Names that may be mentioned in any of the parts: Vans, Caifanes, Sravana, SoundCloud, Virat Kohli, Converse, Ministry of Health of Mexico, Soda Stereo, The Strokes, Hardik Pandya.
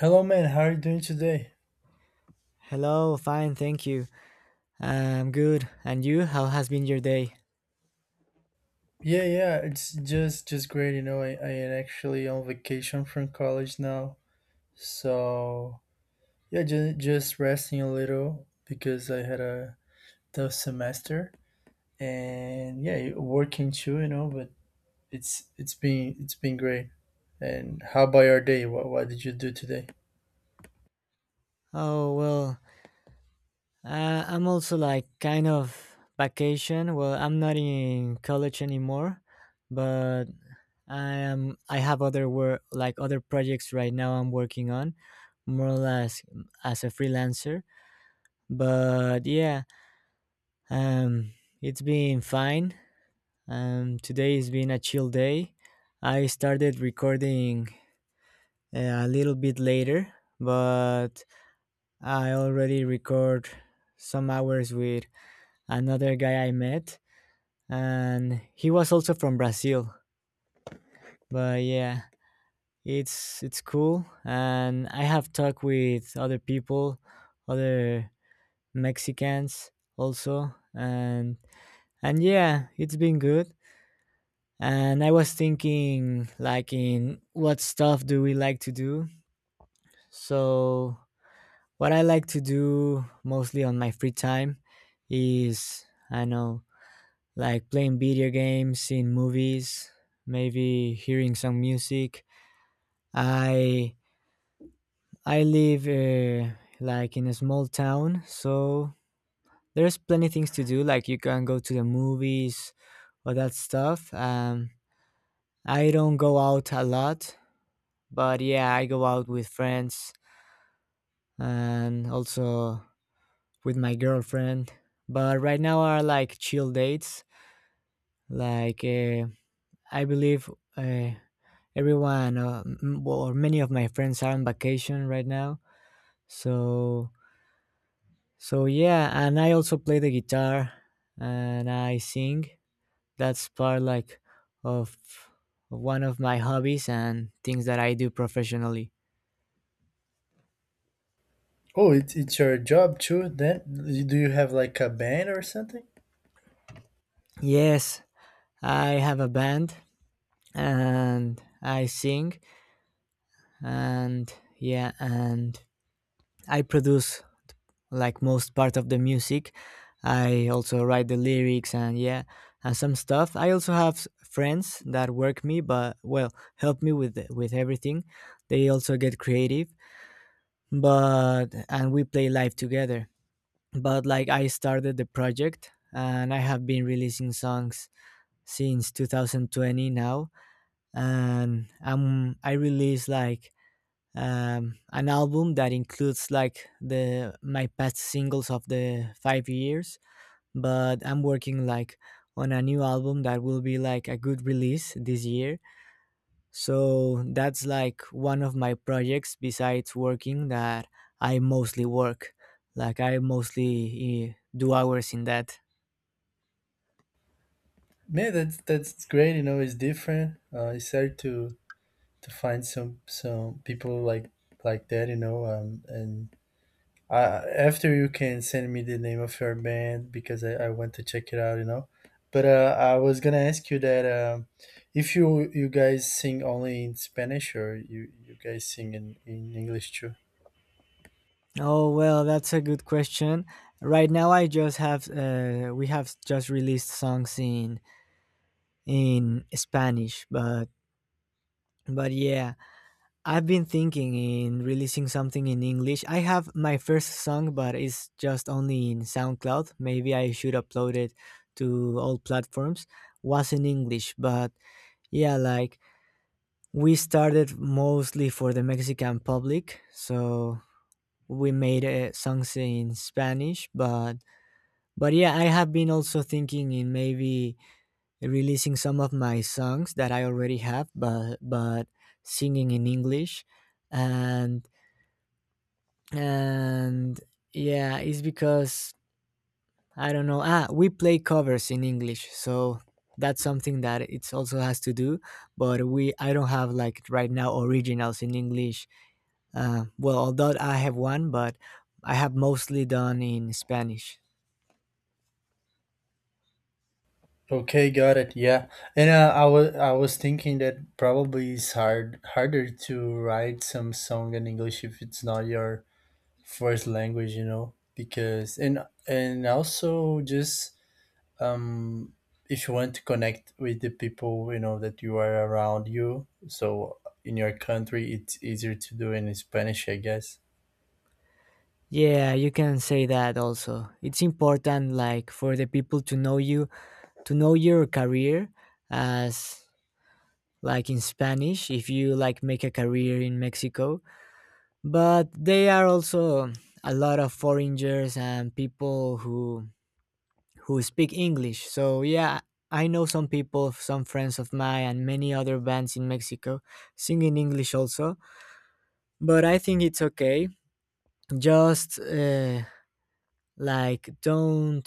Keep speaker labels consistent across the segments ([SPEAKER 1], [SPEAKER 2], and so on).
[SPEAKER 1] Hello, man. How are you doing today?
[SPEAKER 2] Hello, fine, thank you. I'm good. And you? How has been your day?
[SPEAKER 1] Yeah, yeah. It's just great. You know, I am actually on vacation from college now, so yeah, just resting a little because I had a tough semester, and yeah, working too. You know, but it's been great. And how about your day? What did you do today?
[SPEAKER 2] Oh, well, I'm also like kind of vacation. Well, I'm not in college anymore, but I have other work like other projects right now I'm working on, more or less as a freelancer. But yeah, um it's been fine. Today has been a chill day. I started recording a little bit later, but I already record some hours with another guy I met, and he was also from Brazil. But yeah, it's cool, and I have talked with other people, other Mexicans also, and yeah, it's been good. And I was thinking, like, in what stuff do we like to do? So what I like to do mostly on my free time is, I know, like playing video games, seeing movies, maybe hearing some music. I I live like in a small town, so there's plenty things to do. Like you can go to the movies, all that stuff. I don't go out a lot, but yeah, I go out with friends and also with my girlfriend. But right now are like chill dates. Like I believe uh, everyone well, or many of my friends are on vacation right now. So so yeah, and I also play the guitar and I sing. That's part like of one of my hobbies and things that I do professionally.
[SPEAKER 1] Oh, it's your job too. Then do you have like a band or something?
[SPEAKER 2] Yes, I have a band and I sing and yeah and I produce like most part of the music. I also write the lyrics and yeah, and some stuff. I also have friends that work me, but well, help me with with everything. They also get creative, but and we play live together. But like I started the project and I have been releasing songs since 2020 now and I released like an album that includes like the my past singles of the 5 years, but I'm working like on a new album that will be like a good release this year. So that's like one of my projects besides working that I mostly work, like I mostly do hours in that.
[SPEAKER 1] Man, that's great. You know, it's different. It's hard to find some people like that, you know. And I, after you can send me the name of your band because I want to check it out, you know. But I was gonna ask you that if you you guys sing only in Spanish or you guys sing in English too.
[SPEAKER 2] Oh well, that's a good question. Right now I just have, we have just released songs in Spanish, but yeah, I've been thinking in releasing something in English. I have my first song, but it's just only in SoundCloud. Maybe I should upload it to all platforms. Was in English, but yeah, like we started mostly for the Mexican public, so we made songs in Spanish. But yeah, I have been also thinking in maybe releasing some of my songs that I already have, but singing in English, and and yeah, it's because I don't know. Ah, we play covers in English, so that's something that it also has to do. But we, I don't have like right now originals in English. Well, although I have one, but I have mostly done in Spanish.
[SPEAKER 1] Okay, got it. Yeah, and I was thinking that probably it's harder to write some song in English if it's not your first language, you know, because and also just um if you want to connect with the people, you know, that you are around you, so in your country it's easier to do in spanish, I guess.
[SPEAKER 2] Yeah, you can say that also. It's important like for the people to know you, to know your career as, like, in Spanish if you like make a career in Mexico. But they are also a lot of foreigners and people who speak English. So yeah, I know some people, some friends of mine and many other bands in Mexico sing in English also, but I think it's okay. Just like, don't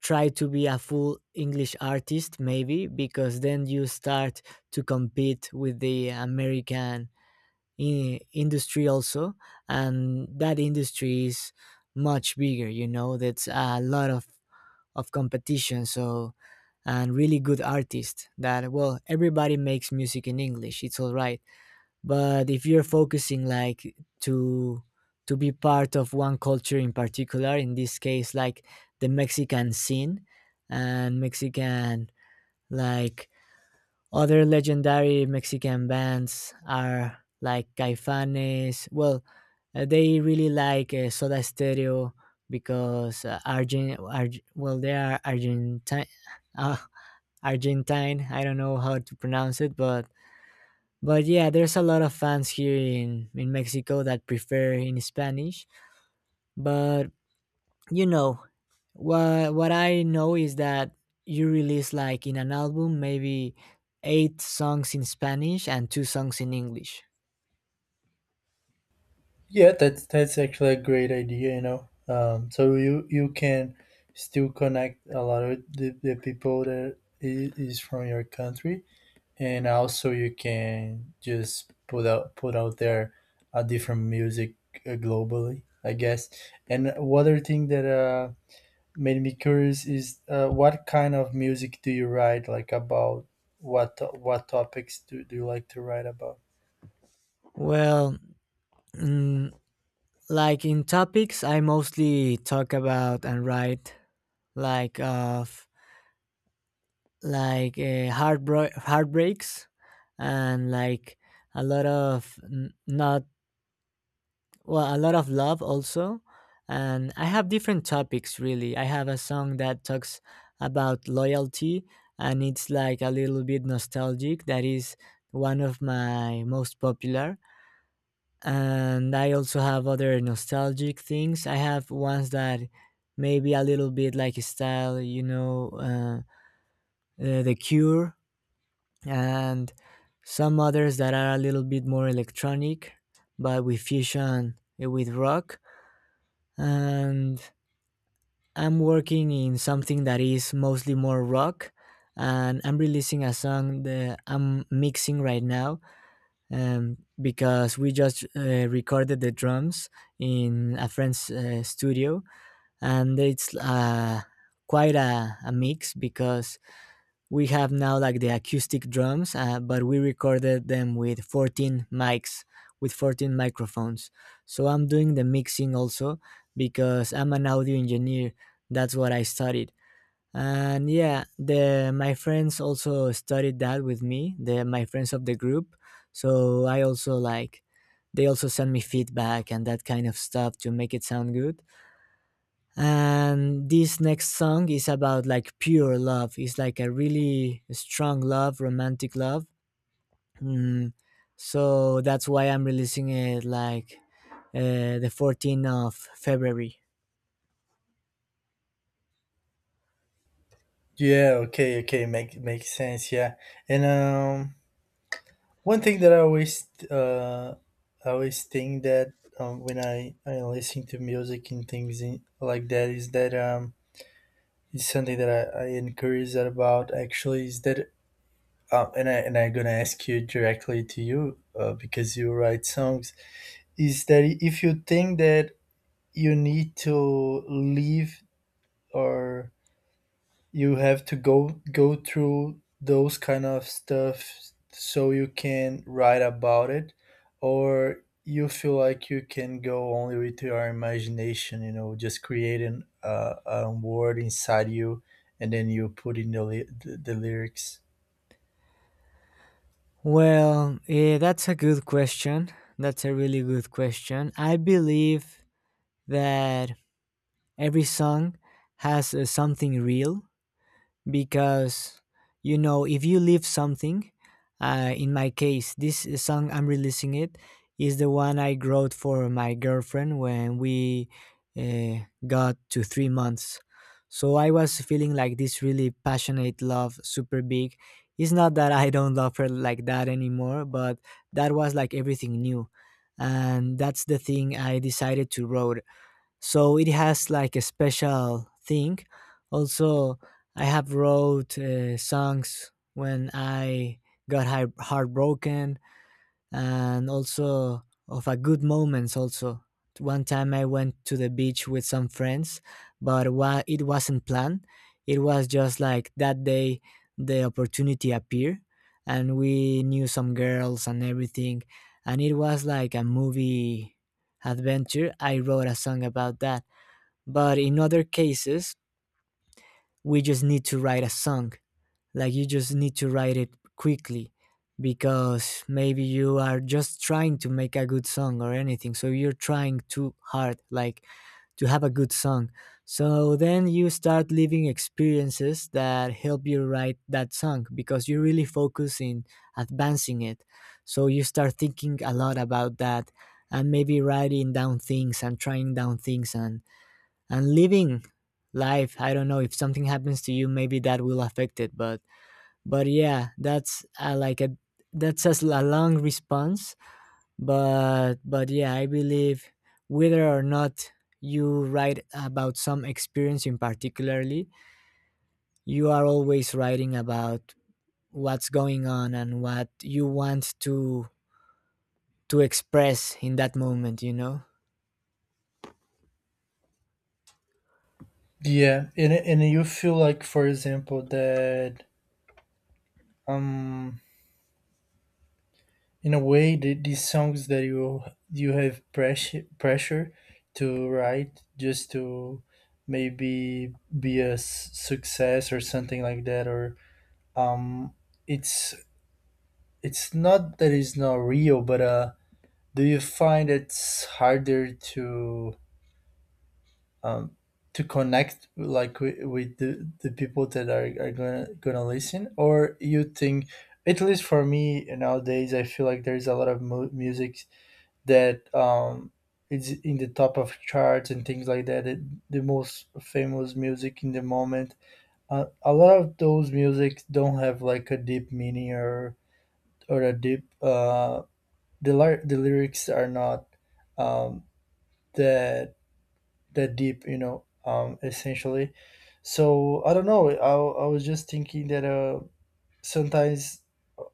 [SPEAKER 2] try to be a full English artist, maybe, because then you start to compete with the American industry also. And that industry is much bigger, you know, that's a lot of competition. So, and really good artists that, well, everybody makes music in English. It's all right, but if you're focusing like to to be part of one culture in particular, in this case like the Mexican scene and Mexican, like, other legendary Mexican bands are like Caifanes. Well, they really like Soda Stereo, because well, they are Argentine, uh, Argentine. I don't know how to pronounce it, but yeah, there's a lot of fans here in Mexico that prefer in Spanish. But you know, what I know is that you release like in an album maybe 8 songs in Spanish and 2 songs in English.
[SPEAKER 1] Yeah, that's actually a great idea, you know. So you you can still connect a lot of the people that is from your country, and also you can just put out there a different music globally, I guess. And one other thing that made me curious is what kind of music do you write, like, about what topics do, do you like to write about?
[SPEAKER 2] Well, mm, like in topics, I mostly talk about and write like of like heartbreaks and like a lot of not, well, a lot of love also. And I have different topics, really. I have a song that talks about loyalty and it's like a little bit nostalgic. That is one of my most popular. And I also have other nostalgic things. I have ones that maybe a little bit like a style, you know, The Cure, and some others that are a little bit more electronic, but we fusion it with rock. And I'm working in something that is mostly more rock. And I'm releasing a song that I'm mixing right now, because we just recorded the drums in a friend's studio, and it's quite a mix because we have now like the acoustic drums, but we recorded them with 14 mics, with 14 microphones. So I'm doing the mixing also because I'm an audio engineer. That's what I studied. And yeah, the my friends also studied that with me. The My friends of the group. So I also like they also send me feedback and that kind of stuff to make it sound good. And this next song is about like pure love. It's like a really strong love, romantic love. Mm. So that's why I'm releasing it like the 14th of February.
[SPEAKER 1] Yeah. Okay, okay, makes sense. Yeah, and one thing that I always think that when I listen to music and things in, like that is that it's something that I encourage curious about actually is that and I and I'm gonna ask you directly to you because you write songs, is that if you think that you need to leave or you have to go through those kind of stuff so you can write about it, or you feel like you can go only with your imagination, you know, just creating a word inside you and then you put in the, the lyrics.
[SPEAKER 2] Well, that's a good question. That's a really good question. I believe that every song has something real, because you know, if you leave something, in my case this song I'm releasing, it is the one I wrote for my girlfriend when we uh, got to 3 months. So I was feeling like this really passionate love, super big. It's not that I don't love her like that anymore, but that was like everything new, and that's the thing I decided to wrote. So it has like a special thing. Also, I have wrote songs when I got heartbroken, and also of a good moments also. One time I went to the beach with some friends, but it wasn't planned. It was just like that day the opportunity appeared, and we knew some girls and everything, and it was like a movie adventure. I wrote a song about that. But in other cases, we just need to write a song. Like you just need to write it quickly because maybe you are just trying to make a good song or anything. So you're trying too hard, like, to have a good song. So then you start living experiences that help you write that song because you really focus in advancing it. So you start thinking a lot about that and maybe writing down things and trying down things and living life. I don't know, if something happens to you, maybe that will affect it, but yeah, that's like a, that's a, a long response, but yeah, I believe whether or not you write about some experience in particularly, you are always writing about what's going on and what you want to express in that moment, you know.
[SPEAKER 1] Yeah, and you feel like, for example, that um in a way the, these songs that you have pressure to write just to maybe be a success or something like that, or um it's it's not that it's not real, but do you find it's harder um to connect like with the people that are gonna listen? Or you think, at least for me nowadays, I feel like there's a lot of music that it's in the top of charts and things like that. It, the most famous music in the moment. A lot of those music don't have like a deep meaning or a deep. The the lyrics are not, um, that that deep. You know, essentially. So I don't know. I was just thinking that sometimes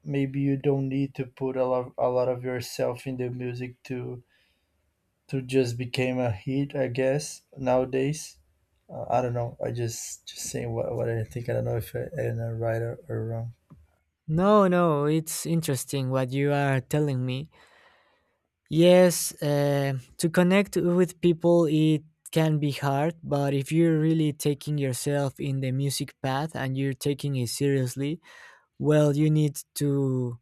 [SPEAKER 1] maybe you don't need to put a lot of yourself in the music to just became a hit, I guess, nowadays. I don't know. I just saying what I think. I don't know if I, am right, or wrong.
[SPEAKER 2] No, no, it's interesting what you are telling me. Yes, to connect with people, it can be hard, but if you're really taking yourself in the music path and you're taking it seriously, well, you need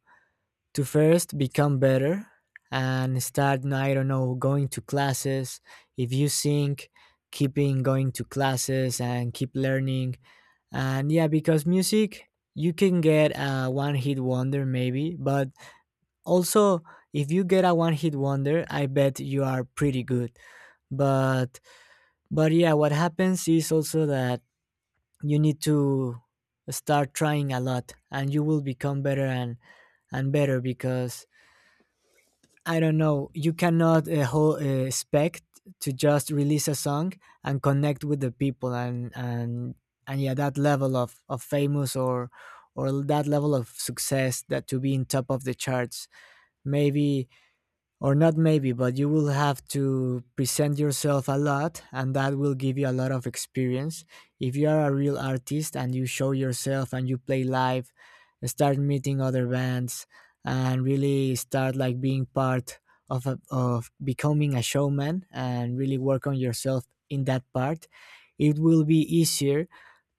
[SPEAKER 2] to first become better and start. I don't know, going to classes. If you sing, keeping going to classes and keep learning. And yeah, because music, you can get a one-hit wonder, maybe, but also, if you get a one hit wonder, I bet you are pretty good. But but yeah, what happens is also that you need to start trying a lot and you will become better and better, because I don't know, you cannot expect to just release a song and connect with the people, and yeah, that level of famous or that level of success, that to be in top of the charts. Maybe, or not maybe, but you will have to present yourself a lot, and that will give you a lot of experience if you are a real artist and you show yourself and you play live, start meeting other bands and really start like being part of becoming a showman and really work on yourself in that part. It will be easier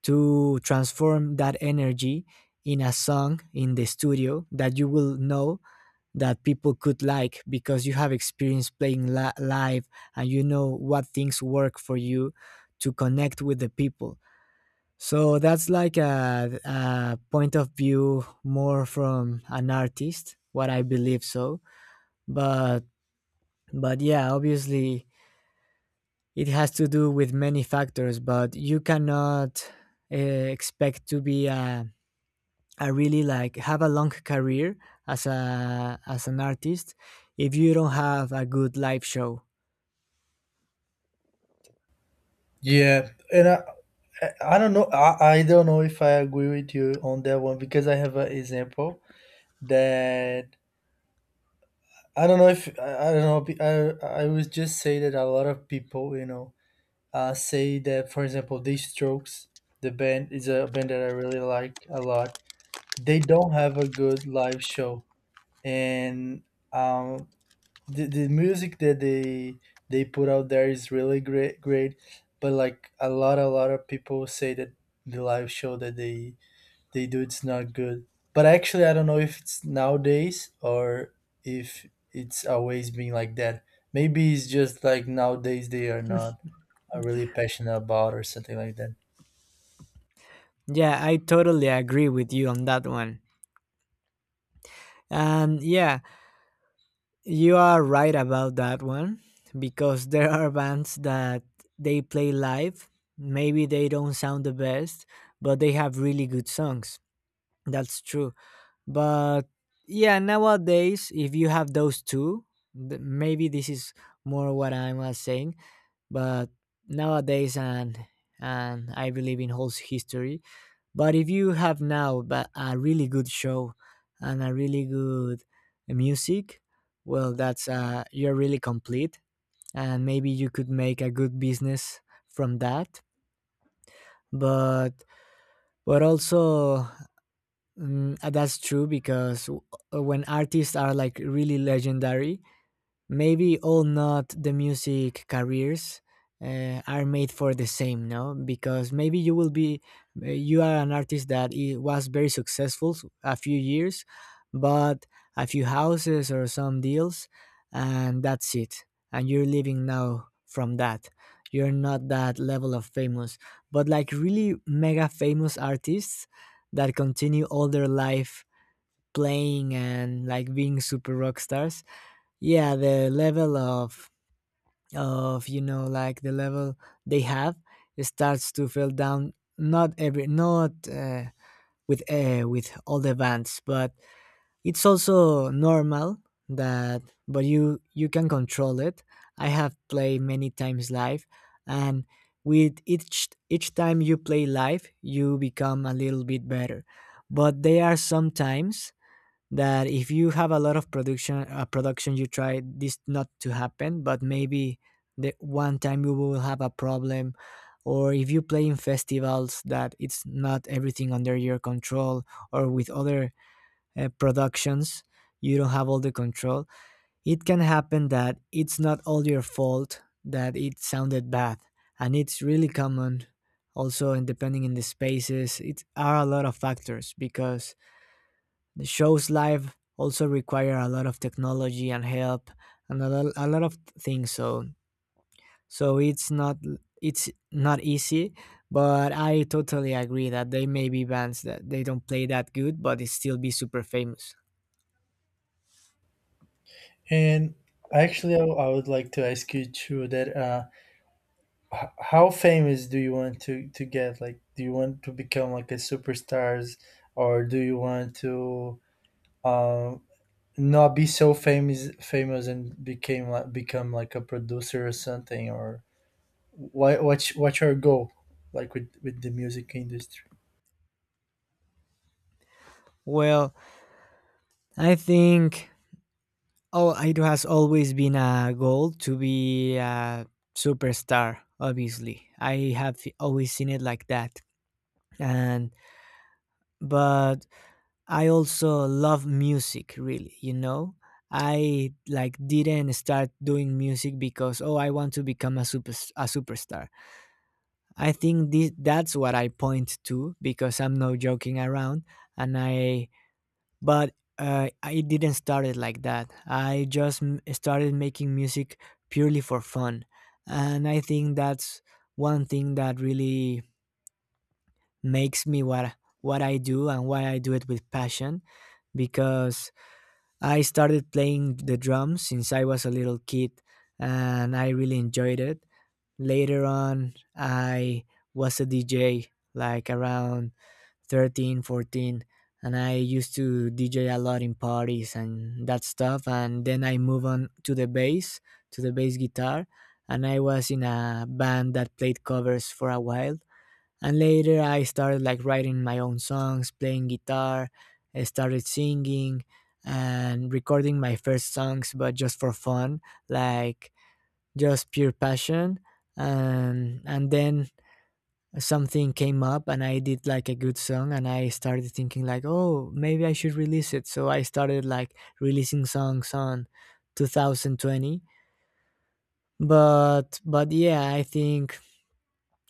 [SPEAKER 2] to transform that energy in a song in the studio that you will know that people could like because you have experience playing live, and you know what things work for you to connect with the people. So that's like a point of view more from an artist, what I believe so. But but yeah, obviously it has to do with many factors, but you cannot expect to be a, I really like have a long career as a as an artist if you don't have a good live show.
[SPEAKER 1] Yeah, and I don't know. I don't know if I agree with you on that one because I have an example that I don't know if I, I don't know. I I would just say that a lot of people, you know, say that, for example, The Strokes, the band is a band that I really like a lot. They don't have a good live show, and um, the music that they put out there is really great, but like a lot of people say that the live show that they do, it's not good. But actually I don't know if it's nowadays, or if it's always been like that. Maybe it's just like nowadays they are not really passionate about or something like that.
[SPEAKER 2] Yeah, I totally agree with you on that one. And yeah, you are right about that one because there are bands that they play live. Maybe they don't sound the best, but they have really good songs. That's true. But yeah, nowadays, if you have those two, maybe this is more what I was saying. But nowadays, and I believe in whole history. But if you have now but a really good show and a really good music, well, that's you're really complete, and maybe you could make a good business from that. But but also, that's true because when artists are like really legendary, maybe all not the music careers are made for the same, no, because maybe you will be you are an artist that was very successful a few years, but a few houses or some deals, and that's it, and you're living now from that. You're not that level of famous, but like really mega famous artists that continue all their life playing and like being super rock stars, yeah, the level of you know like the level they have starts to feel down, not every not with with all the bands, but it's also normal that. But you can control it. I have played many times live, and with each time you play live, you become a little bit better. But there are some times that if you have a lot of production, production, you try this not to happen, but maybe the one time you will have a problem. Or if you play in festivals that it's not everything under your control, or with other productions, you don't have all the control. It can happen that it's not all your fault that it sounded bad, and it's really common also. And depending in the spaces, it are a lot of factors because the shows live also require a lot of technology and help and a lot of things. So it's not, it's not easy, but I totally agree that they may be bands that they don't play that good, but they still be super famous.
[SPEAKER 1] And actually I, I would like to ask you too that how famous do you want to get? Like, do you want to become like a superstars, or do you want to um not be so famous and became like become like a producer or something, or what what's your goal like with the music industry?
[SPEAKER 2] Well, I think oh, it has always been a goal to be a superstar. Obviously, I have always seen it like that, and but I also love music really, you know. I like didn't start doing music because oh I want to become a super a superstar. I think this that's what I point to because I'm not joking around, and I but I didn't start it like that. I just started making music purely for fun. And I think that's one thing that really makes me what I do and why I do it with passion, because I started playing the drums since I was a little kid, and I really enjoyed it. Later on, I was a DJ like around 13, 14, and I used to DJ a lot in parties and that stuff. And then I moved on to the bass guitar, and I was in a band that played covers for a while. And later I started like writing my own songs, playing guitar, I started singing and recording my first songs but just for fun, like just pure passion. And then something came up and I did like a good song and I started thinking like, "Oh, maybe I should release it." So I started like releasing songs on 2020. But yeah, I think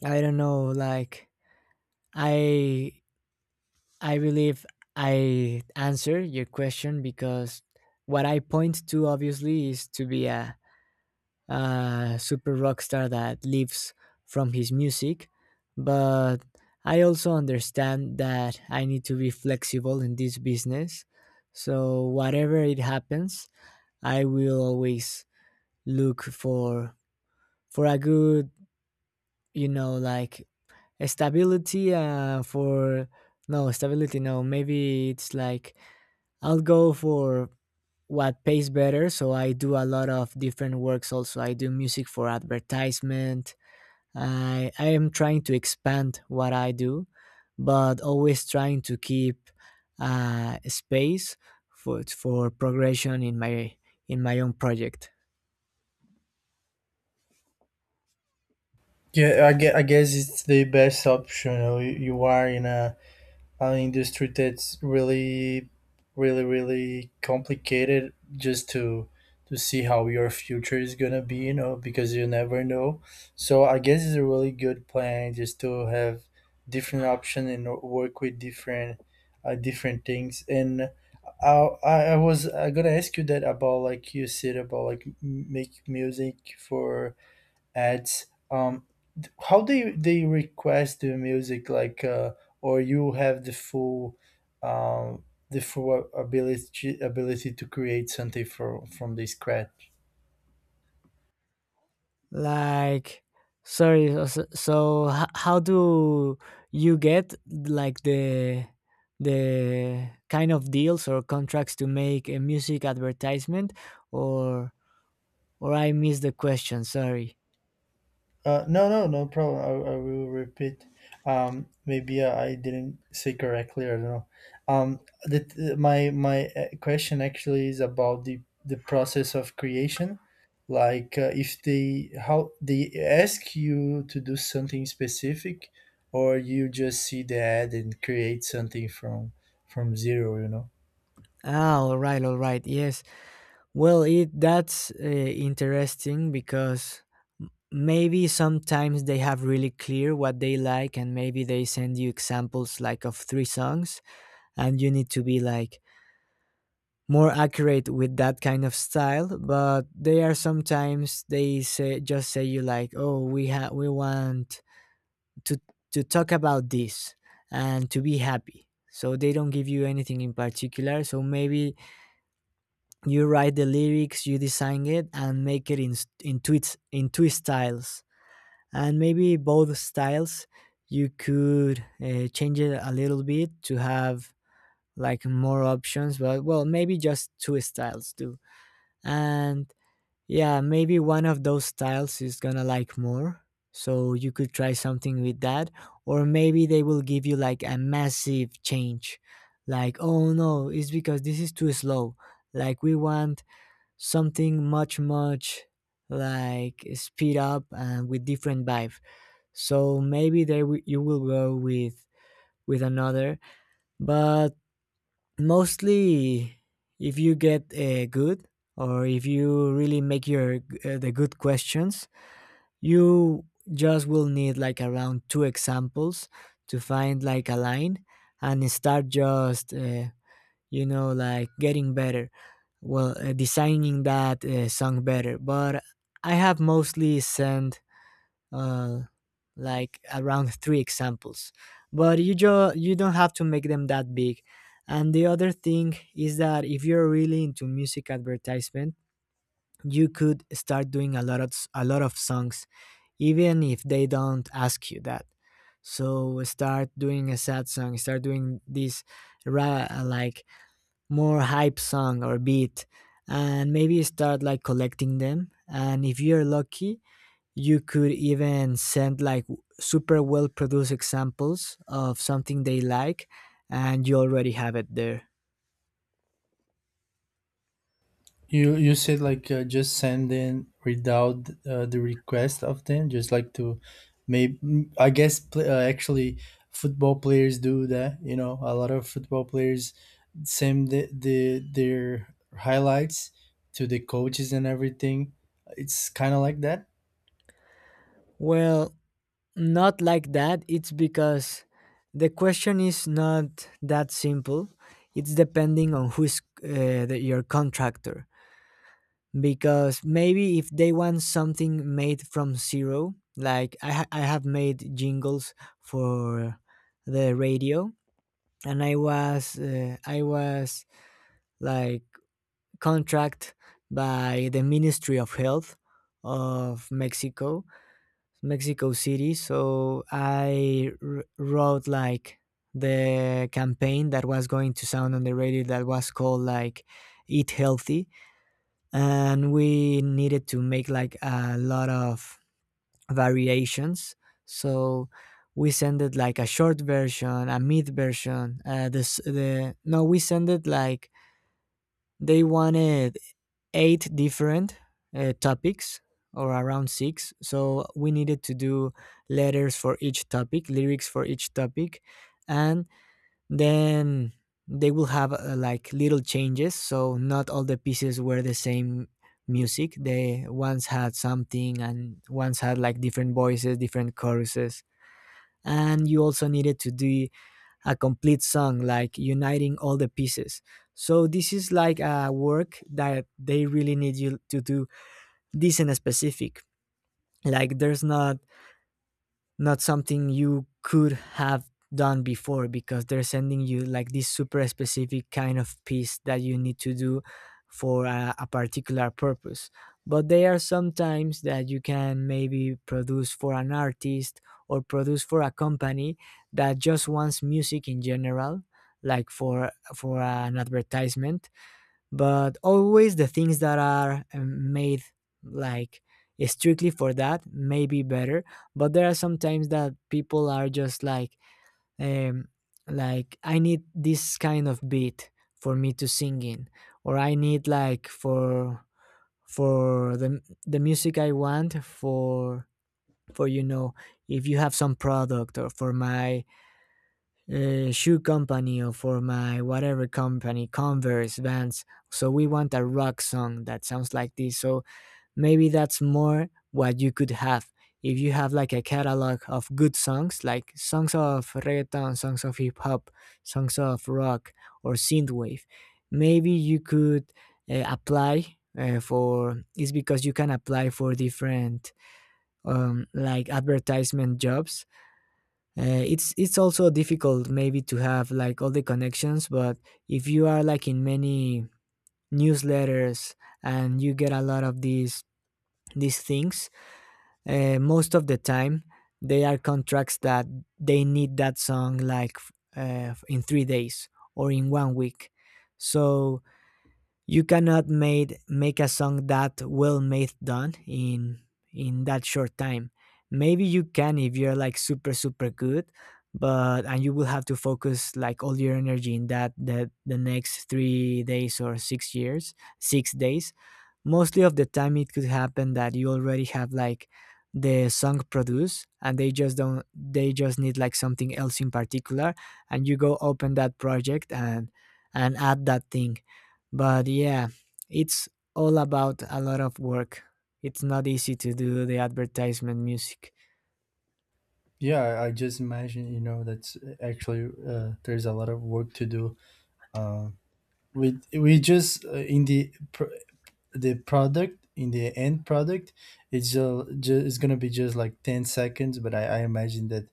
[SPEAKER 2] I don't know like I I believe I answer your question because what I point to obviously is to be a super rock star that lives from his music, but I also understand that I need to be flexible in this business. So whatever it happens, I will always look for a good, you know, like stability for no stability, no, maybe it's like I'll go for what pays better. So I do a lot of different works also. I do music for advertisement. I am trying to expand what I do, but always trying to keep space for progression in my, in my own project.
[SPEAKER 1] Yeah, I guess it's the best option, you, know, you are in a an industry that's really really really complicated just to see how your future is gonna be, you know, because you never know. So I guess it's a really good plan just to have different option and work with different different things. And I was gonna ask you that about like you said about like make music for ads, how they request the music, like or you have um the full ability to create something from the scratch.
[SPEAKER 2] Like, sorry. So how do you get like the kind of deals or contracts to make a music advertisement, or or I missed the question. Sorry.
[SPEAKER 1] No, no, no problem. I will repeat. Maybe I didn't say correctly. I don't know. The, my question actually is about the process of creation. Like, if they how they ask you to do something specific, or you just see the ad and create something from zero. You know.
[SPEAKER 2] Ah, all right, all right. Yes. Well, it that's interesting because maybe sometimes they have really clear what they like, and maybe they send you examples like of three songs, and you need to be like more accurate with that kind of style. But they are sometimes they say just say you like oh we we want to to talk about this and to be happy, so they don't give you anything in particular. So maybe you write the lyrics, you design it, and make it in in tweets in two styles, and maybe both styles you could change it a little bit to have like more options, but well maybe just two styles too. And yeah, maybe one of those styles is gonna like more. So you could try something with that. Or maybe they will give you like a massive change. Like, oh no, it's because this is too slow. Like, we want something much, much like speed up and with different vibe. So maybe they you will go with another. But mostly, if you get good, or if you really make your the good questions, you just will need like around two examples to find like a line and start just you know like getting better, well designing that song better. But I have mostly sent uh, like around three examples, but you you don't have to make them that big. And the other thing is that if you're really into music advertisement, you could start doing a lot of songs, even if they don't ask you that. So start doing a sad song, start doing this like more hype song or beat, and maybe start like collecting them. And if you're lucky, you could even send like super well produced examples of something they like, and you already have it there.
[SPEAKER 1] You said like just send in without the request of them, just like to, maybe I guess actually football players do that. You know, a lot of football players send the their highlights to the coaches and everything. It's kind of like that.
[SPEAKER 2] Well, not like that. It's because the question is not that simple. It's depending on who's your contractor, because maybe if they want something made from zero, like I, I have made jingles for the radio. And I was like contract by the Ministry of Health of Mexico, Mexico City. So I wrote like the campaign that was going to sound on the radio that was called like Eat Healthy. And we needed to make like a lot of variations. So we sent it like a short version, a mid version. This the no, we sent it like they wanted eight different topics, or around six. So we needed to do letters for each topic, lyrics for each topic, and then they will have like little changes. So not all the pieces were the same music. They once had something and once had like different voices, different choruses. And you also needed to do a complete song, like uniting all the pieces. So this is like a work that they really need you to do this and specific. Like there's not, not something you could have done before, because they're sending you like this super specific kind of piece that you need to do for a particular purpose. But there are sometimes that you can maybe produce for an artist or produce for a company that just wants music in general, like for an advertisement. But always the things that are made like strictly for that may be better. But there are sometimes that people are just um like I need this kind of beat for me to sing in, or I need like for the music I want for you know, if you have some product, or for my shoe company, or for my whatever company, Converse, Vans. So we want a rock song that sounds like this. So maybe that's more what you could have. If you have like a catalog of good songs, like songs of reggaeton, songs of hip hop, songs of rock or synthwave, maybe you could apply for. It's because you can apply for different like advertisement jobs. It's also difficult maybe to have like all the connections. But if you are like in many newsletters and you get a lot of these things, most of the time they are contracts that they need that song like in 3 days or in one week. So you cannot made make a song that well made done in that short time. Maybe you can if you're like super super good. But and you will have to focus like all your energy in that the next 3 days or 6 years, 6 days. Mostly of the time, it could happen that you already have like the song produced, and they just don't. They just need like something else in particular, and you go open that project and add that thing. But yeah, it's all about a lot of work. It's not easy to do the advertisement music.
[SPEAKER 1] Yeah, I just imagine, you know, that's actually there's a lot of work to do. Uh, we just in the the product, in the end product, it's it's gonna be just like 10 seconds, but I imagine that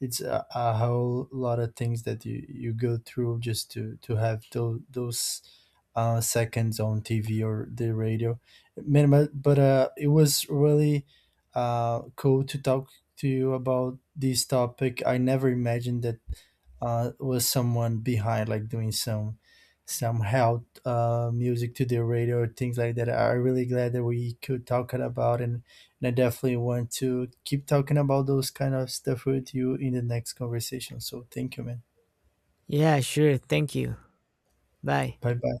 [SPEAKER 1] it's a whole lot of things that you go through just to have those seconds on tv or the radio. Man, but, it was really cool to talk to you about this topic. I never imagined that was someone behind like doing some help music to the radio, things like that. I'm really glad that we could talk about, and I definitely want to keep talking about those kind of stuff with you in the next conversation. So thank you, man.
[SPEAKER 2] Yeah, sure. Thank you. Bye.
[SPEAKER 1] Bye bye.